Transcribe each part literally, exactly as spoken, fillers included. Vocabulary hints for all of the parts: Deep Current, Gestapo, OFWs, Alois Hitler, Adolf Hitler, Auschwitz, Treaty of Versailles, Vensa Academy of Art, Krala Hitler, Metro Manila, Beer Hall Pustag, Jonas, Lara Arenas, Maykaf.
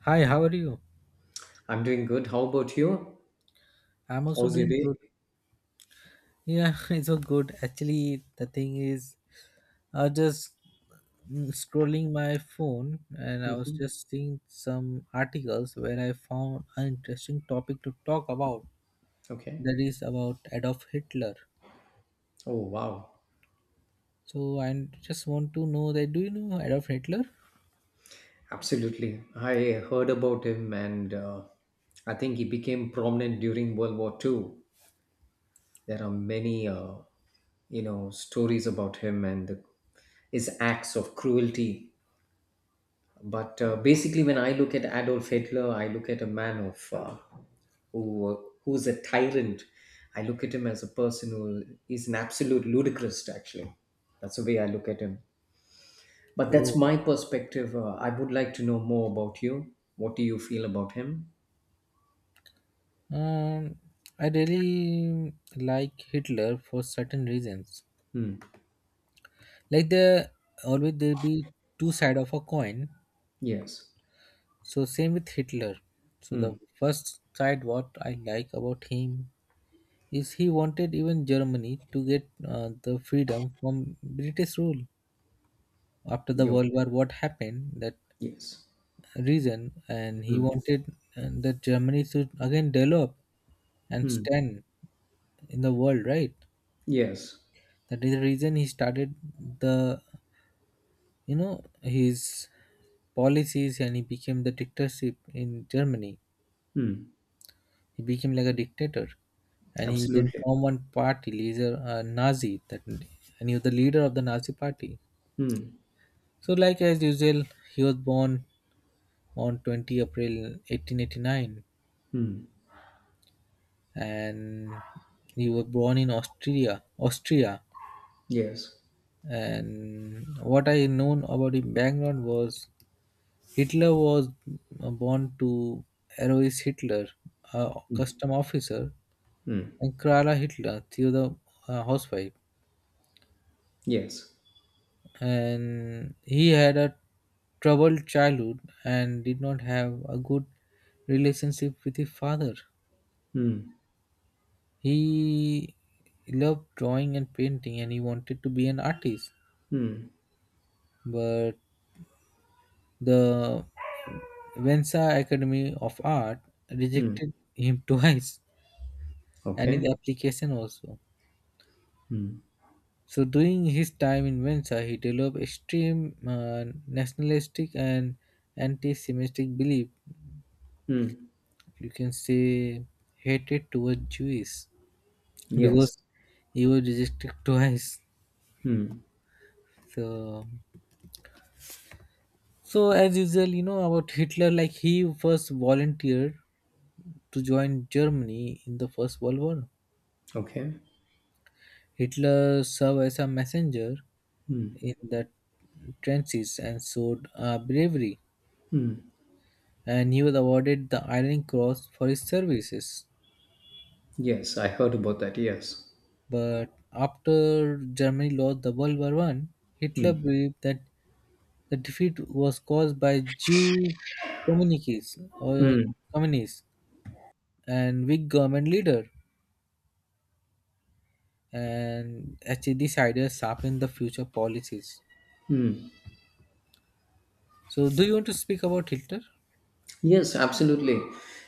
Hi, how are you? I'm doing good. How about you? I'm also How's your doing day? good. Yeah, it's all good. Actually, the thing is, I was just mm, scrolling my phone and I was hmm just seeing some articles where I found an interesting topic to talk about. Okay. That is about Adolf Hitler. Oh, wow. So I just want to know that do you know Adolf Hitler? Absolutely. I heard about him, and uh, I think he became prominent during World War Two. There are many, uh, you know, stories about him and the, his acts of cruelty. But uh, basically, when I look at Adolf Hitler, I look at a man of uh, who who's a tyrant. I look at him as a person who is an absolute ludicrous. Actually, that's the way I look at him. But that's Oh. my perspective. Uh, I would like to know more about you. What do you feel about him? Um, I really like Hitler for certain reasons. Hmm. Like there always there be two side of a coin. Yes. So same with Hitler. So the Hmm. first side what I like about him is he wanted even Germany to get uh, the freedom from British rule after the Yo. World War. What happened that Yes. reason, and he Hmm. wanted uh, that Germany should again develop and Hmm. stand in the world, right? Yes. That is the reason he started the you know his policies and he became the dictatorship in Germany. Hmm. He became like a dictator, and he then Absolutely. formed one party, leader uh, Nazi, that and he was the leader of the Nazi party. Hmm. So, like as usual, he was born on twentieth of April eighteen eighty-nine, Hmm. and he was born in Austria. Austria, Yes. And what I known about his background was Hitler was uh, born to Alois Hitler, a custom officer, Hmm. and Krala Hitler, she was a uh, housewife. Yes. And he had a troubled childhood and did not have a good relationship with his father. Hmm. He loved drawing and painting and he wanted to be an artist. Hmm. But the Vensa Academy of Art Hmm. rejected him twice and his Okay. application also. Hmm. So during his time in Vensa, he developed extreme uh, nationalistic and anti-Semitic belief, Mm. you can say hatred towards Jews, Yes. because he was rejected twice. Hmm. So, so as usual, you know about Hitler. Like he first volunteered to join Germany in the First World War. Okay. Hitler served as a messenger in the trenches and showed uh, bravery, and he was awarded the Iron Cross for his services. Yes, I heard about that. Yes. But after Germany lost the World War One, Hitler believed that the defeat was caused by Jew communiques or Hmm. communists and weak government leader, and actually these ideas sharpened the future policies. So, do you want to speak about Hitler? Yes, absolutely.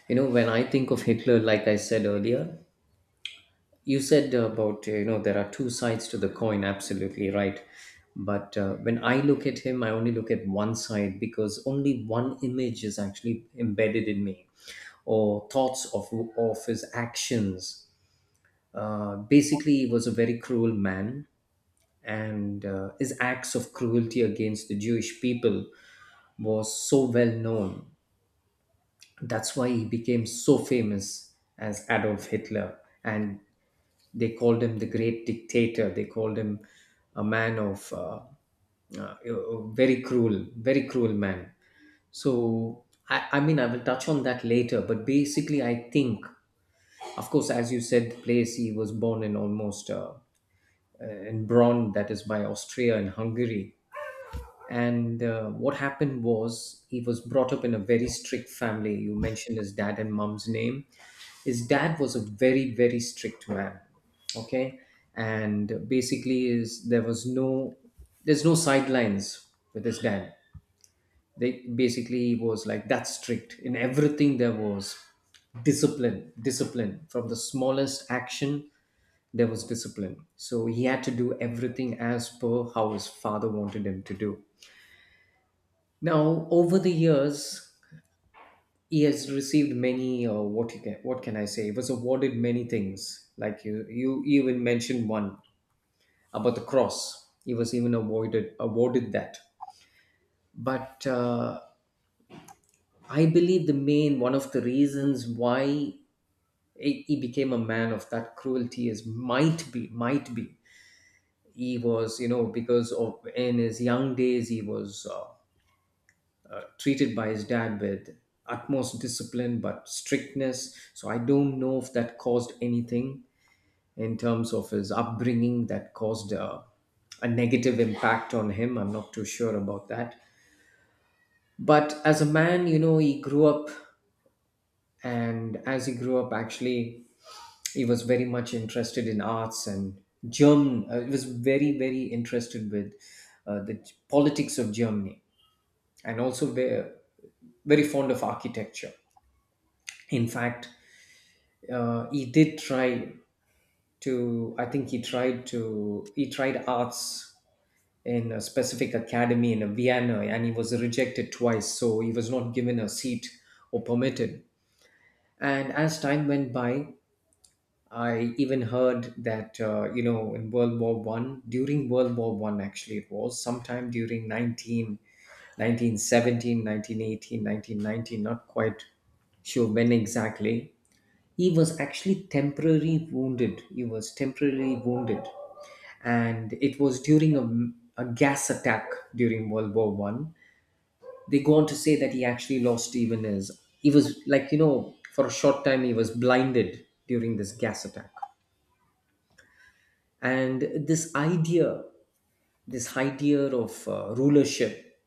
You know, when I think of Hitler, like I said earlier, you said about, you know, there are two sides to the coin. Absolutely right. But uh, when I look at him, I only look at one side because only one image is actually embedded in me or thoughts of, of his actions. Uh, basically, he was a very cruel man and uh, his acts of cruelty against the Jewish people was so well known. That's why he became so famous as Adolf Hitler, and they called him the great dictator. They called him a man of uh, uh, a very cruel, very cruel man. So I, I mean, I will touch on that later. But basically, I think, of course, as you said, the place he was born in almost uh, uh, in Braun, that is by Austria and Hungary. And uh, what happened was he was brought up in a very strict family. You mentioned his dad and mom's name. His dad was a very, very strict man. Okay. And basically is there was no there's no sidelines with his dad. They basically he was like that strict. In everything there was discipline. Discipline. From the smallest action, there was discipline. So he had to do everything as per how his father wanted him to do. Now, over the years, he has received many. Uh, what you can, what can I say? He was awarded many things. Like you, you even mentioned one about the cross. He was even awarded awarded that. But uh, I believe the main one of the reasons why he he became a man of that cruelty is might be might be he was, you know, because of in his young days he was. Uh, treated by his dad with utmost discipline but strictness. So I don't know if that caused anything in terms of his upbringing that caused a, a negative impact on him. I'm not too sure about that. But as a man, you know, he grew up, and as he grew up, actually, he was very much interested in arts and German. Uh, he was very, very interested with uh, the politics of Germany and also very, very fond of architecture. In fact, uh, he did try to, I think he tried to he tried arts in a specific academy in Vienna and he was rejected twice, so he was not given a seat or permitted. And as time went by, I even heard that, uh, you know, in world war one during World War One, actually it was sometime during 19 nineteen seventeen, nineteen eighteen, nineteen nineteen, not quite sure when exactly he was actually temporarily wounded. He was temporarily wounded, and it was during a, a gas attack during World War One. They go on to say that he actually lost even his. he was, like, you know, for a short time he was blinded during this gas attack, and this idea, this idea of uh, rulership,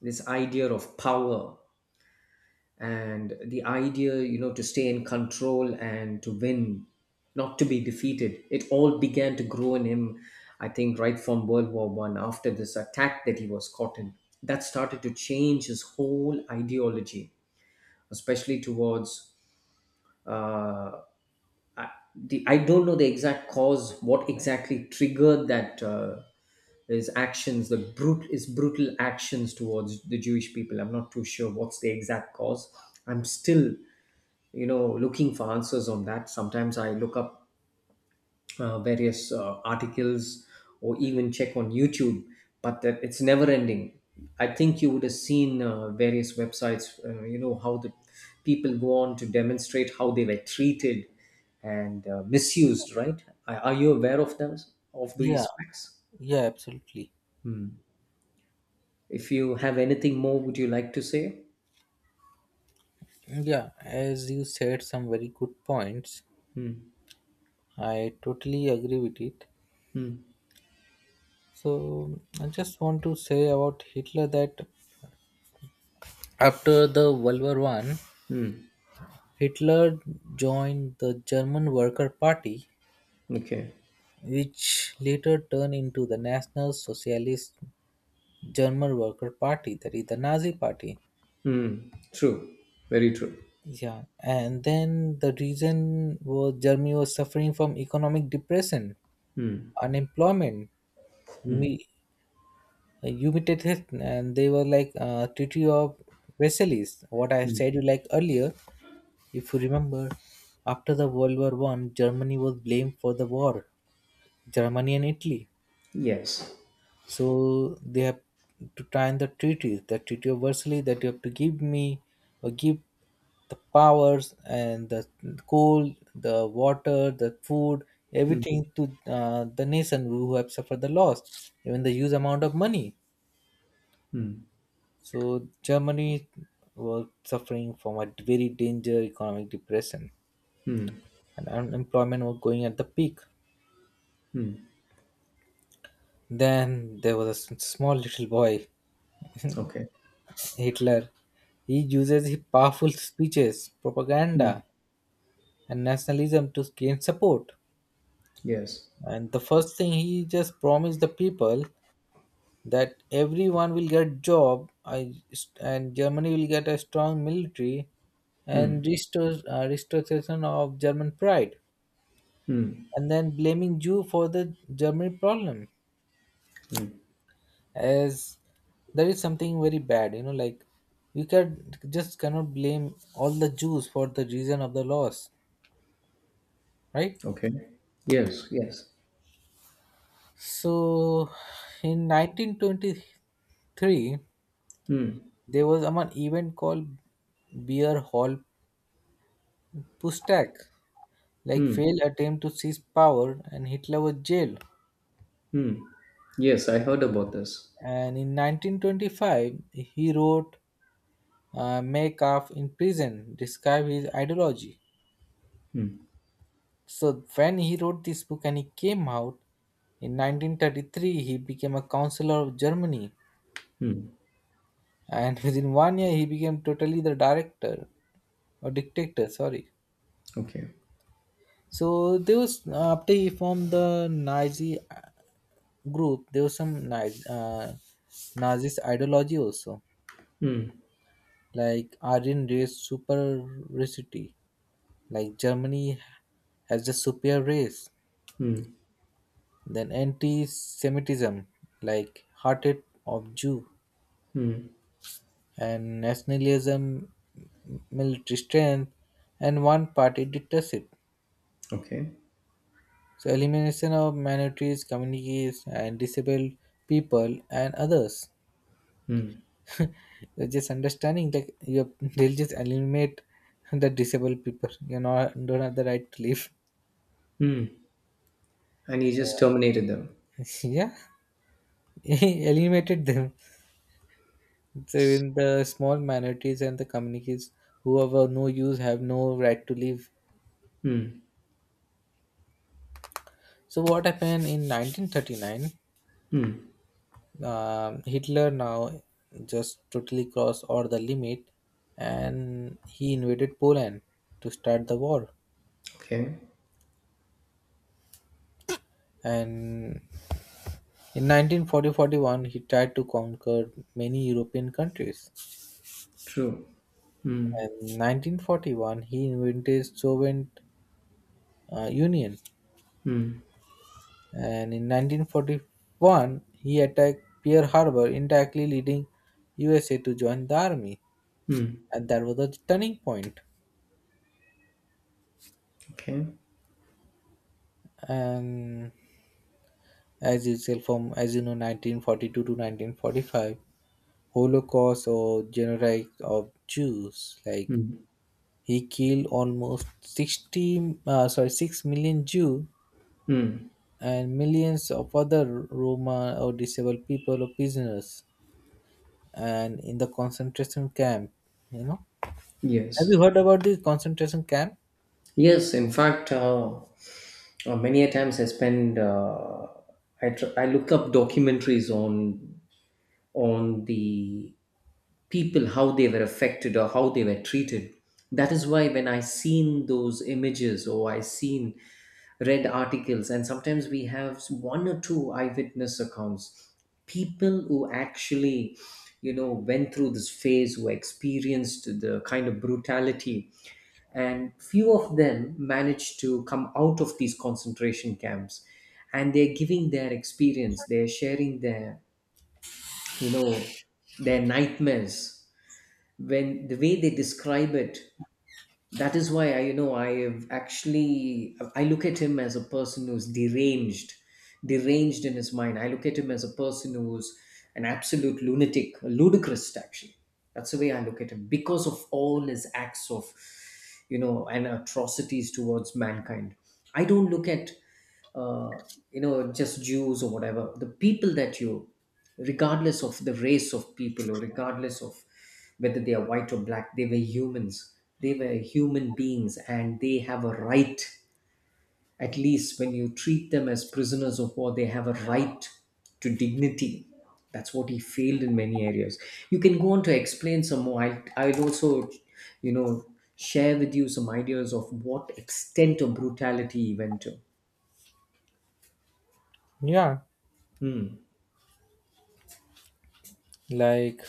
this idea of power and the idea, you know, to stay in control and to win, not to be defeated, it all began to grow in him. I think right from World War One, after this attack that he was caught in, that started to change his whole ideology, especially towards uh, I, the I don't know the exact cause, what exactly triggered that, uh, his actions, the brut his brutal actions towards the Jewish people. I'm not too sure what's the exact cause. I'm still, you know, looking for answers on that. Sometimes I look up uh, various uh, articles or even check on YouTube, but that, it's never ending. I think you would have seen uh, various websites, uh, you know, how the people go on to demonstrate how they were treated and uh, misused, right? Are are you aware of those of Yeah, these facts? yeah, absolutely. If you have anything more, would you like to say? Yeah, as you said, some very good points. I totally agree with it. Hmm. So I just want to say about Hitler that after the World War One, Hmm. Hitler joined the German Worker Party, Okay. which later turned into the National Socialist German Worker Party, that is the Nazi Party. Hmm. True. Very true. Yeah, and then the reason was Germany was suffering from economic depression, unemployment, humi- humiliated, and they were like uh, Treaty of Versailles. What I have Hmm. said you like earlier, if you remember, after the World War One, Germany was blamed for the war. Germany and Italy. Yes. So they have to sign the treaties, the treaty of Versailles, that you have to give me or give the powers and the coal, the water, the food, Hmm. everything to uh, the nation who have suffered the loss, even the huge amount of money. So Germany was suffering from a very danger economic depression, and unemployment was going at the peak. Hmm. Then there was a s- small little boy Okay. Hitler. He uses his powerful speeches, Hmm. propaganda, and nationalism to gain support. Yes. And the first thing, he just promised the people that everyone will get job, I- and Germany will get a strong military, and restore uh, restoration of German pride, and then blaming Jew for the German problem as that is something very bad. You know, like you can just cannot blame all the Jews for the reason of the loss, right? Okay. Yes. Yes. So in nineteen twenty-three, Hmm. there was um, an event called Beer Hall Pustag, like Hmm. failed attempt to seize power, and Hitler was jailed. Hmm. Yes, I heard about this. And in nineteen twenty-five, he wrote uh, Maykaf in prison, describe his ideology. So when he wrote this book and he came out in nineteen thirty-three, he became a counselor of Germany, Hmm. and within one year he became totally the director, or dictator, sorry. Okay. So there was uh, after he formed the Nazi uh, group, there was some nazi uh, Nazis ideology also, like Aryan race superiority, like Germany has the superior race, then anti-Semitism, like hatred of Jew, and nationalism, military strength, and one party dictatorship. Okay. So elimination of minorities, communities, and disabled people and others. They're just understanding like, you, they'll just eliminate the disabled people. You know, don't have the right to live. Hmm. And he just terminated them. Yeah, eliminated them. So in the small minorities and the communities who have uh, no use, have no right to live. Hmm. So what happened in nineteen thirty-nine? Um Hitler now just totally crossed all the limit and he invaded Poland to start the war. Okay. And in nineteen forty forty one, he tried to conquer many European countries. True. And in nineteen forty-one, he invented Soviet uh, Union. And in nineteen forty-one, he attacked Pearl Harbor, indirectly leading U S A to join the army. Hmm. And that was the turning point. Okay. And as usual, from, as you know, nineteen forty-two to nineteen forty-five, holocaust or genocide of Jews, like Hmm. he killed almost sixty, uh, sorry, six million Jew, Hmm. and millions of other Roma or disabled people or prisoners, and in the concentration camp you know have you Yes. heard about this concentration camp? Yes. In fact, uh, uh, many a times I spend. Uh, I tr- I look up documentaries on on the people, how they were affected or how they were treated. That is why when I seen those images or I seen, read articles, and sometimes we have one or two eyewitness accounts, people who actually, you know, went through this phase, who experienced the kind of brutality, and few of them managed to come out of these concentration camps, and they're giving their experience, they're sharing their, you know, their nightmares, when the way they describe it. That is why I, you know, I have actually, I look at him as a person who's deranged, deranged in his mind. I look at him as a person who's an absolute lunatic, a ludicrous actually. That's the way I look at him, because of all his acts of, you know, and atrocities towards mankind. I don't look at uh, you know, just Jews or whatever, the people that you, regardless of the race of people or regardless of whether they are white or black, they were humans. They were human beings and they have a right, at least when you treat them as prisoners of war, they have a right to dignity. That's what he failed in many areas. You can go on to explain some more. I, I'll also, you know, share with you some ideas of what extent of brutality he went to. Yeah, Hmm. like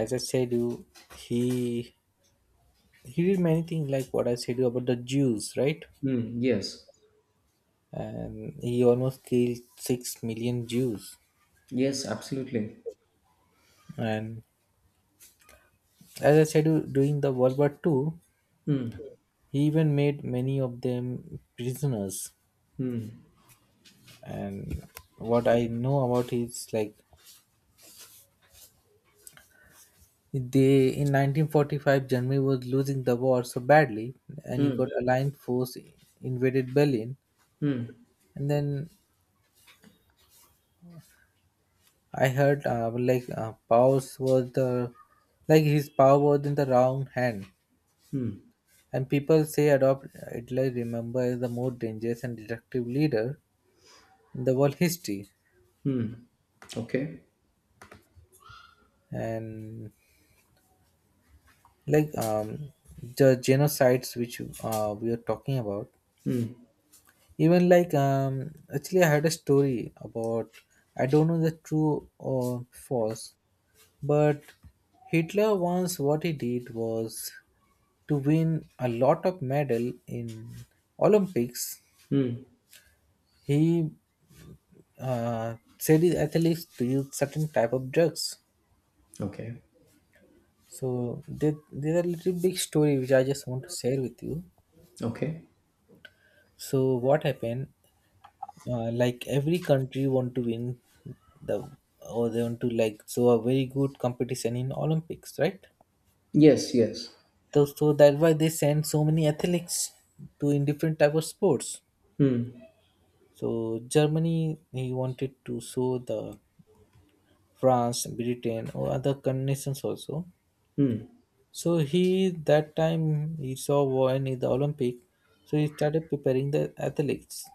as I said, you he he did many things like what I said you about the Jews, right? Mm, yes. And he almost killed six million Jews. Yes, absolutely. And as I said, du- during the World War Two, Mm, he even made many of them prisoners. mm, And what I know about is like they, in nineteen forty-five, Germany was losing the war so badly, and he mm, got Allied force invaded Berlin, mm, and then I heard uh, like uh, Powers was the like his power was in the wrong hand. mm, And people say Adolf Hitler remember as the most dangerous and destructive leader in the world history. mm. Okay. And like um, the genocides which uh, we are talking about, Mm, even like um, actually, I had a story about, I don't know the true or false, but Hitler once what he did was to win a lot of medal in Olympics. mm. He uh, Saudi athletes to use certain type of drugs. Okay. So there, there's a little big story which I just want to share with you. Okay. So what happened? Uh, like every country want to win the, or they want to like so a very good competition in Olympics, right? Yes, yes. So so that's why they send so many athletes to in different type of sports. Mm, So Germany, he wanted to show the France, Britain or other nations also. mm, So he that time he saw when in the Olympic, so he started preparing the athletes.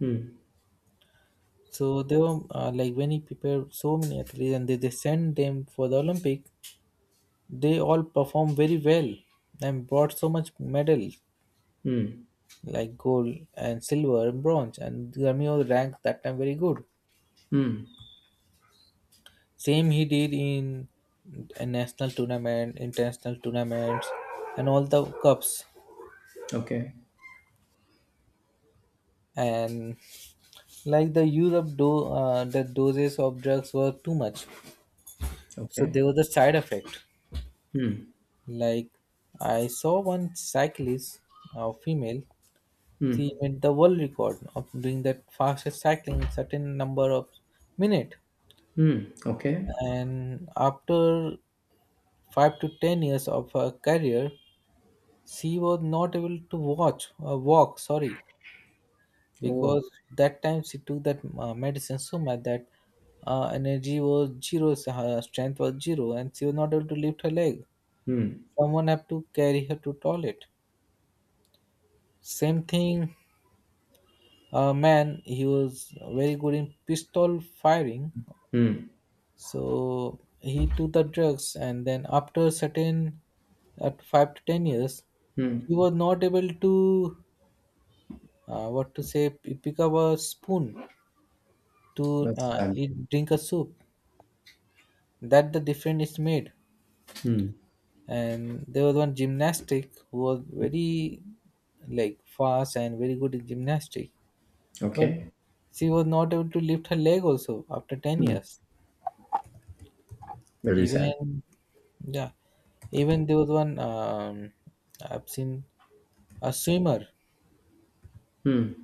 mm, So they were uh, like, when he prepared so many athletes and they, they sent them for the Olympic, they all performed very well and brought so much medal mm, like gold and silver and bronze, and Ramiro ranked that time very good. mm. Same he did in a national tournament, international tournaments and all the cups, Okay. and like the use of do uh, the doses of drugs were too much, so Okay. there was a side effect, Mm, like I saw one cyclist, a female. She mm, made the world record of doing that fastest cycling in certain number of minute, mm. Okay. and after five to ten years of her career, she was not able to watch, uh, walk, sorry, Oh. because that time she took that uh, medicine so much that uh, energy was zero, s- her strength was zero, and she was not able to lift her leg. Mm, Someone had to carry her to toilet. Same thing, uh, man. He was very good in pistol firing, mm, so he took the drugs, and then after certain, at five to ten years, he mm. was not able to, uh, what to say, p- pick up a spoon to That's uh, sad. eat drink a soup, that the difference is made. Mm. And there was one gymnastic who was very like fast and very good in gymnastic, but Okay. she was not able to lift her leg also after ten years. Very sad. Even Yeah, even there was one, um, I've seen a swimmer. Mm.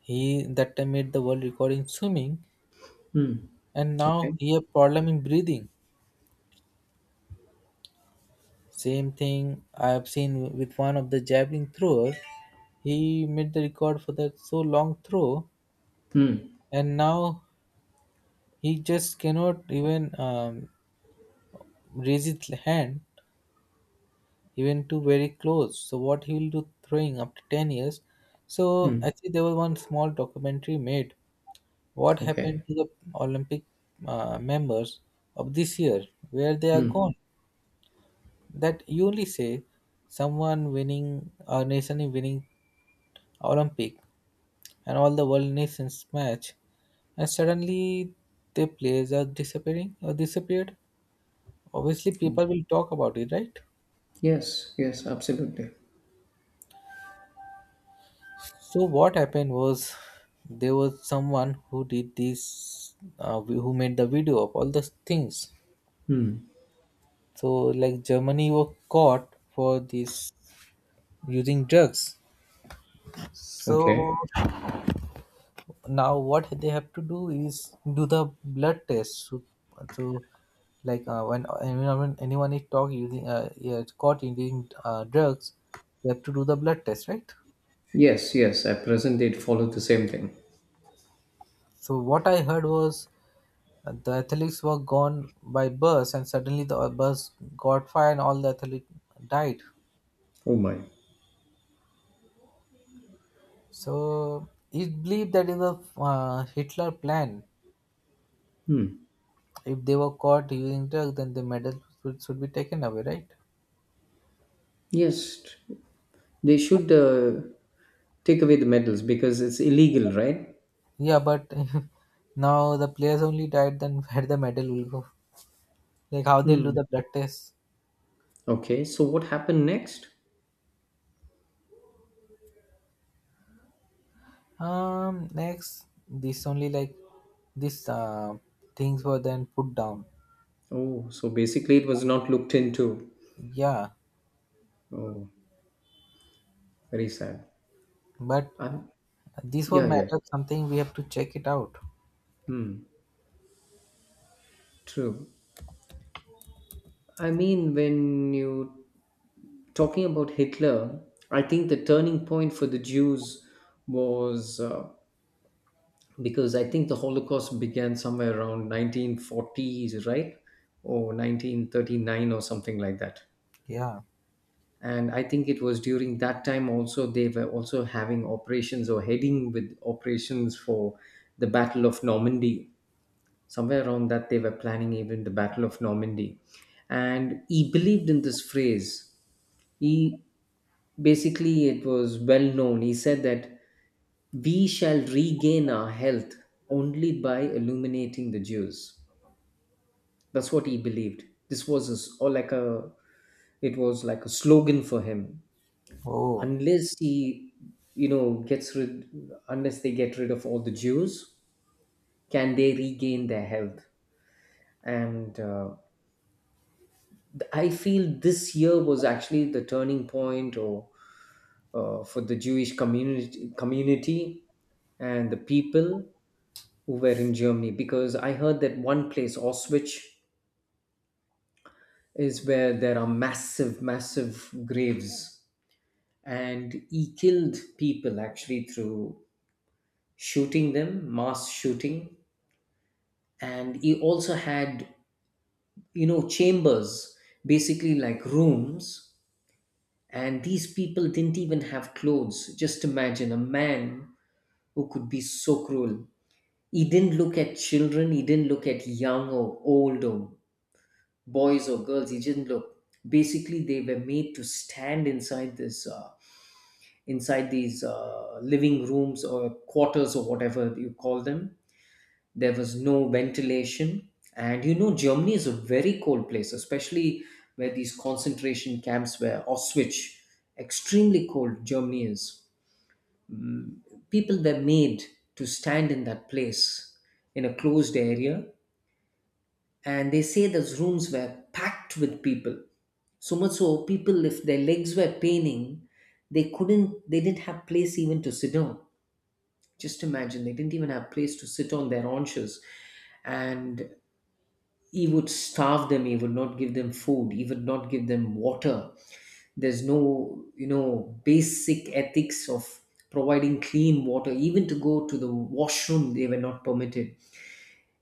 He that time made the world record in swimming and now Okay. he have problem in breathing. Same thing I have seen with one of the javelin thrower. He made the record for that so long throw, Mm, and now he just cannot even, um, raise his hand even to very close. So what he will do throwing after ten years? So mm. actually, there was one small documentary made. What happened Okay. to the Olympic uh, members of this year? Where they are gone? That you only say someone winning, a nation is winning Olympic and all the world nations match, and suddenly the players are disappearing or disappeared. Obviously people will talk about it, right? Yes, yes, absolutely. So what happened was there was someone who did this uh, who made the video of all the things. So like Germany were caught for this, using drugs. So Okay. now what they have to do is do the blood test to, to like uh, when anyone, when anyone is talk using uh, yeah, caught using uh, drugs. They have to do the blood test, right? Yes, yes. At present, they follow the same thing. So what I heard was uh, the athletes were gone by bus, and suddenly the uh, bus got fire and all the athletes died. Oh my. So it's believed that is a uh, Hitler plan. If they were caught using drugs, then the medals should, should be taken away, right? Yes, they should uh, take away the medals because it's illegal, right? Yeah, but now the players only died, then where the medal will go? Like how they'll do Hmm. the blood test. Okay, so what happened next? Um, next, this only like this uh, things were then put down. Oh, so basically it was not looked into. Yeah, Oh, very sad. but Um, this was yeah, yeah. matter something we have to check it out. Hmm, true. I mean, when you talking about Hitler, I think the turning point for the Jews was uh, because I think the Holocaust began somewhere around nineteen forties, right? Or nineteen thirty-nine or something like that. Yeah. And I think it was during that time also they were also having operations or heading with operations for the Battle of Normandy, somewhere around that they were planning even the Battle of Normandy. And he believed in this phrase. He Basically, it was well known, he said that we shall regain our health only by illuminating the Jews. That's what he believed. This was his, or like a, it was like a slogan for him. Oh. Unless he, you know, gets rid, unless they get rid of all the Jews, can they regain their health. And uh, th- I feel this year was actually the turning point, or uh, for the Jewish community community and the people who were in Germany, because I heard that one place, Auschwitz, is where there are massive, massive graves, and he killed people actually through shooting them, mass shooting. And he also had, you know, chambers, basically like rooms. And these people didn't even have clothes. Just imagine a man who could be so cruel. He didn't look at children, he didn't look at young or old or boys or girls, he didn't look. Basically, they were made to stand inside this, uh, inside these uh, living rooms or quarters or whatever you call them. There was no ventilation, and you know Germany is a very cold place, especially where these concentration camps were. Auschwitz, extremely cold. Germany is, people were made to stand in that place in a closed area, and they say those rooms were packed with people so much so, people, if their legs were paining, they couldn't, they didn't have place even to sit down. Just imagine, they didn't even have place to sit on their haunches. And he would starve them, he would not give them food, he would not give them water. There's no, you know, basic ethics of providing clean water. Even to go to the washroom they were not permitted.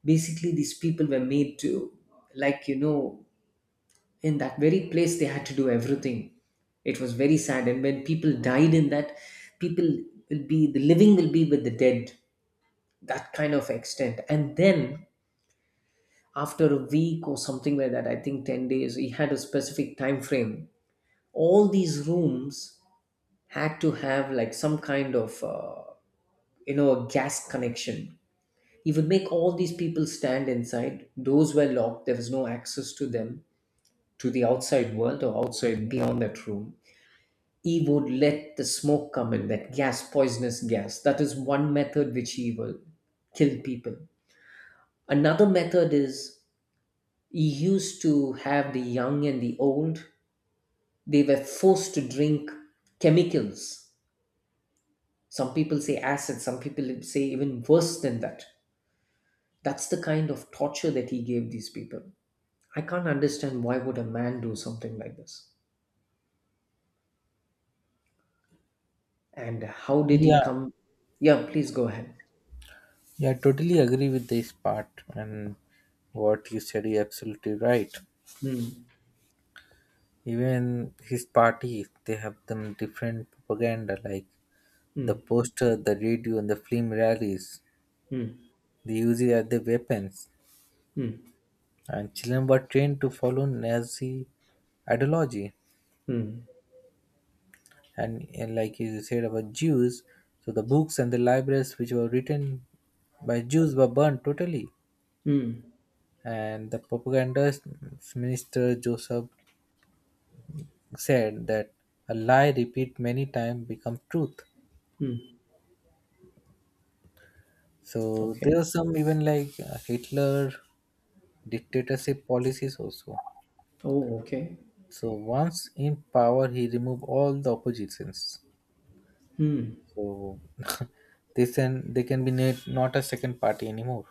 Basically, these people were made to, like, you know, in that very place they had to do everything. It was very sad. And when people died in that, people will be, the living will be with the dead. That kind of extent. And then after a week or something like that, I think ten days, he had a specific time frame. All these rooms had to have like some kind of uh, you know, a gas connection. He would make all these people stand inside, those were locked, there was no access to them, to the outside world or outside beyond that room. He would let the smoke come in, that gas, poisonous gas. That is one method which he will kill people. Another method is, he used to have the young and the old, they were forced to drink chemicals, some people say acid, some people say even worse than that. That's the kind of torture that he gave these people. I can't understand why would a man do something like this. And how did Yeah. he come? Yeah, please go ahead. Yeah, totally agree with this part and what you said. You're absolutely right. Hmm. Even his party, they have them different propaganda like the Hmm. poster, the radio, and the film rallies, Hmm. they used it as their weapons. Hmm. And children were trained to follow Nazi ideology. Hmm. And, and like you said about Jews, so the books and the libraries which were written by Jews were burned totally. Hmm. And the propaganda minister Joseph said that a lie repeat many times become truth. Mm. So Okay. there are some even like uh, Hitler dictatorship policies also. Oh, okay. So once in power, he remove all the oppositions. Hmm. So they can they can be na- not a second party anymore,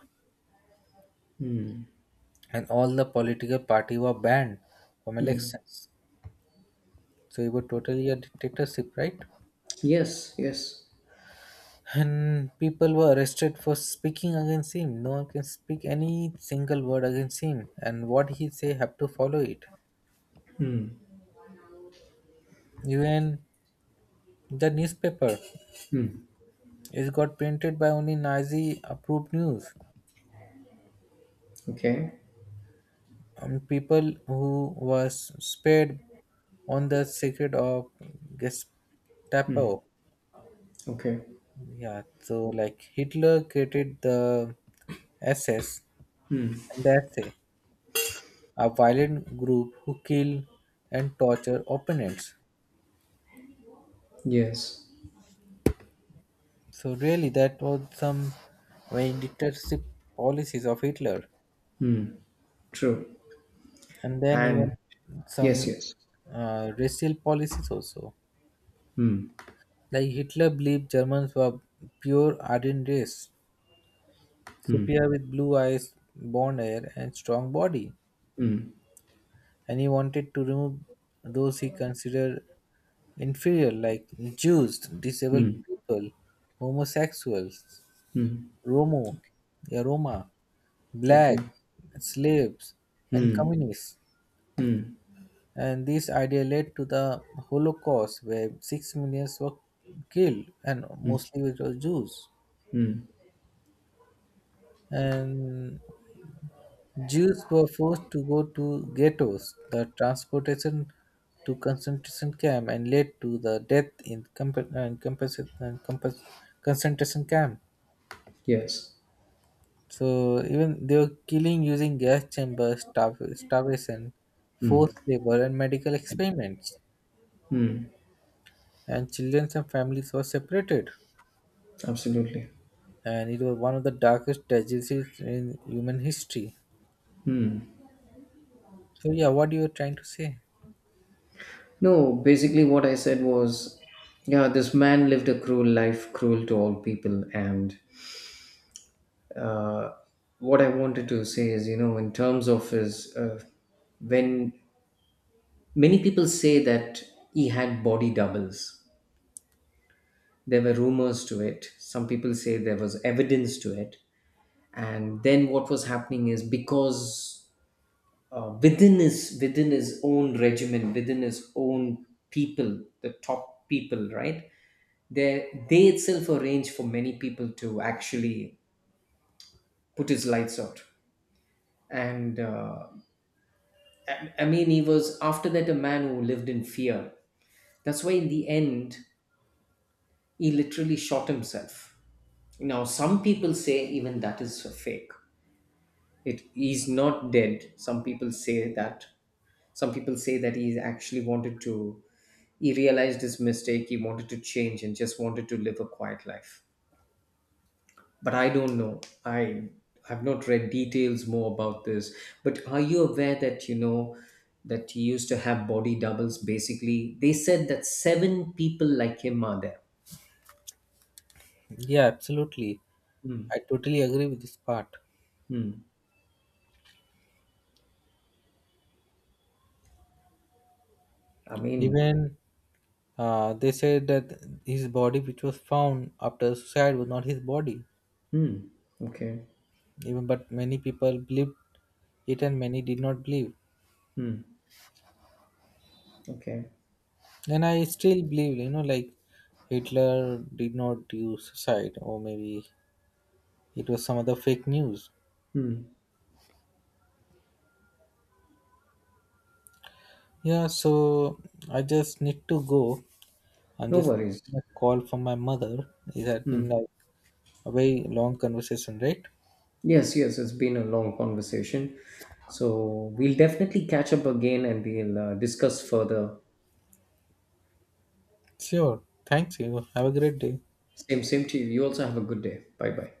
and all the political party were banned from elections. So it was totally a dictatorship, right? Yes, yes. And people were arrested for speaking against him. No one can speak any single word against him, and what he say have to follow it. Hmm. Even the newspaper Hmm. is got printed by only Nazi approved news. Okay, um, People who was spared on the secret of Gestapo. okay. Yeah, so like Hitler created the S S, and that's it, a a violent group who kill and torture opponents. Yes, So really, that was some very dictatorship policies of Hitler, true. and then even And yes, some yes. uh, racial policies also. Hmm. Like Hitler believed Germans were pure Aryan race, Hmm. Suppiah with blue eyes, blond hair, and strong body, Hmm. and he wanted to remove those he considered inferior, like Jews, disabled Hmm. people, homosexuals, Hmm. Romo, yeah, Roma, Okay. black, slaves, and Hmm. communists. Hmm. And this idea led to the Holocaust, where six millions were killed, and Hmm. mostly it was Jews. Hmm. And Jews were forced to go to ghettos, the transportation to concentration camp, and led to the death in compa- and compensa- and compas- concentration camp. Yes. So even they were killing using gas chambers, starv- starvation, Hmm. forced labor, and medical experiments. And children and families were separated. Absolutely. And it was one of the darkest tragedies in human history. So yeah, what you were trying to say? No, basically, what I said was, yeah, this man lived a cruel life, cruel to all people. And uh, what I wanted to say is, you know, in terms of his, uh, when many people say that he had body doubles, there were rumors to it. Some people say there was evidence to it. And then what was happening is because uh, within his within his own regiment, within his own people, the top people, right? they they itself arrange for many people to actually put his lights out. And uh, I, I mean, he was after that a man who lived in fear. That's why in the end he literally shot himself. Now some people say even that is a fake, it, he's not dead. Some people say that, some people say that he actually wanted to, he realized his mistake, he wanted to change and just wanted to live a quiet life. But I don't know. I have not read details more about this. But are you aware that, you know, that he used to have body doubles? Basically, they said that seven people like him are there. Yeah, absolutely. Hmm. I totally agree with this part. Hmm. I mean. Even Uh, they said that his body, which was found after suicide, was not his body. Hmm. Okay. Even but many people believed it, and many did not believe. Hmm. Okay. And I still believe, you know, like Hitler did not do suicide, or maybe it was some other fake news. Hmm. Yeah, so I just need to go. I'm No just worries. getting a call from my mother. It had been Hmm. like a very long conversation, right? Yes. Yes. It's been a long conversation. So we'll definitely catch up again and we'll uh, discuss further. Sure. Thanks, you. Have a great day. Same. Same to you. You also have a good day. Bye. Bye.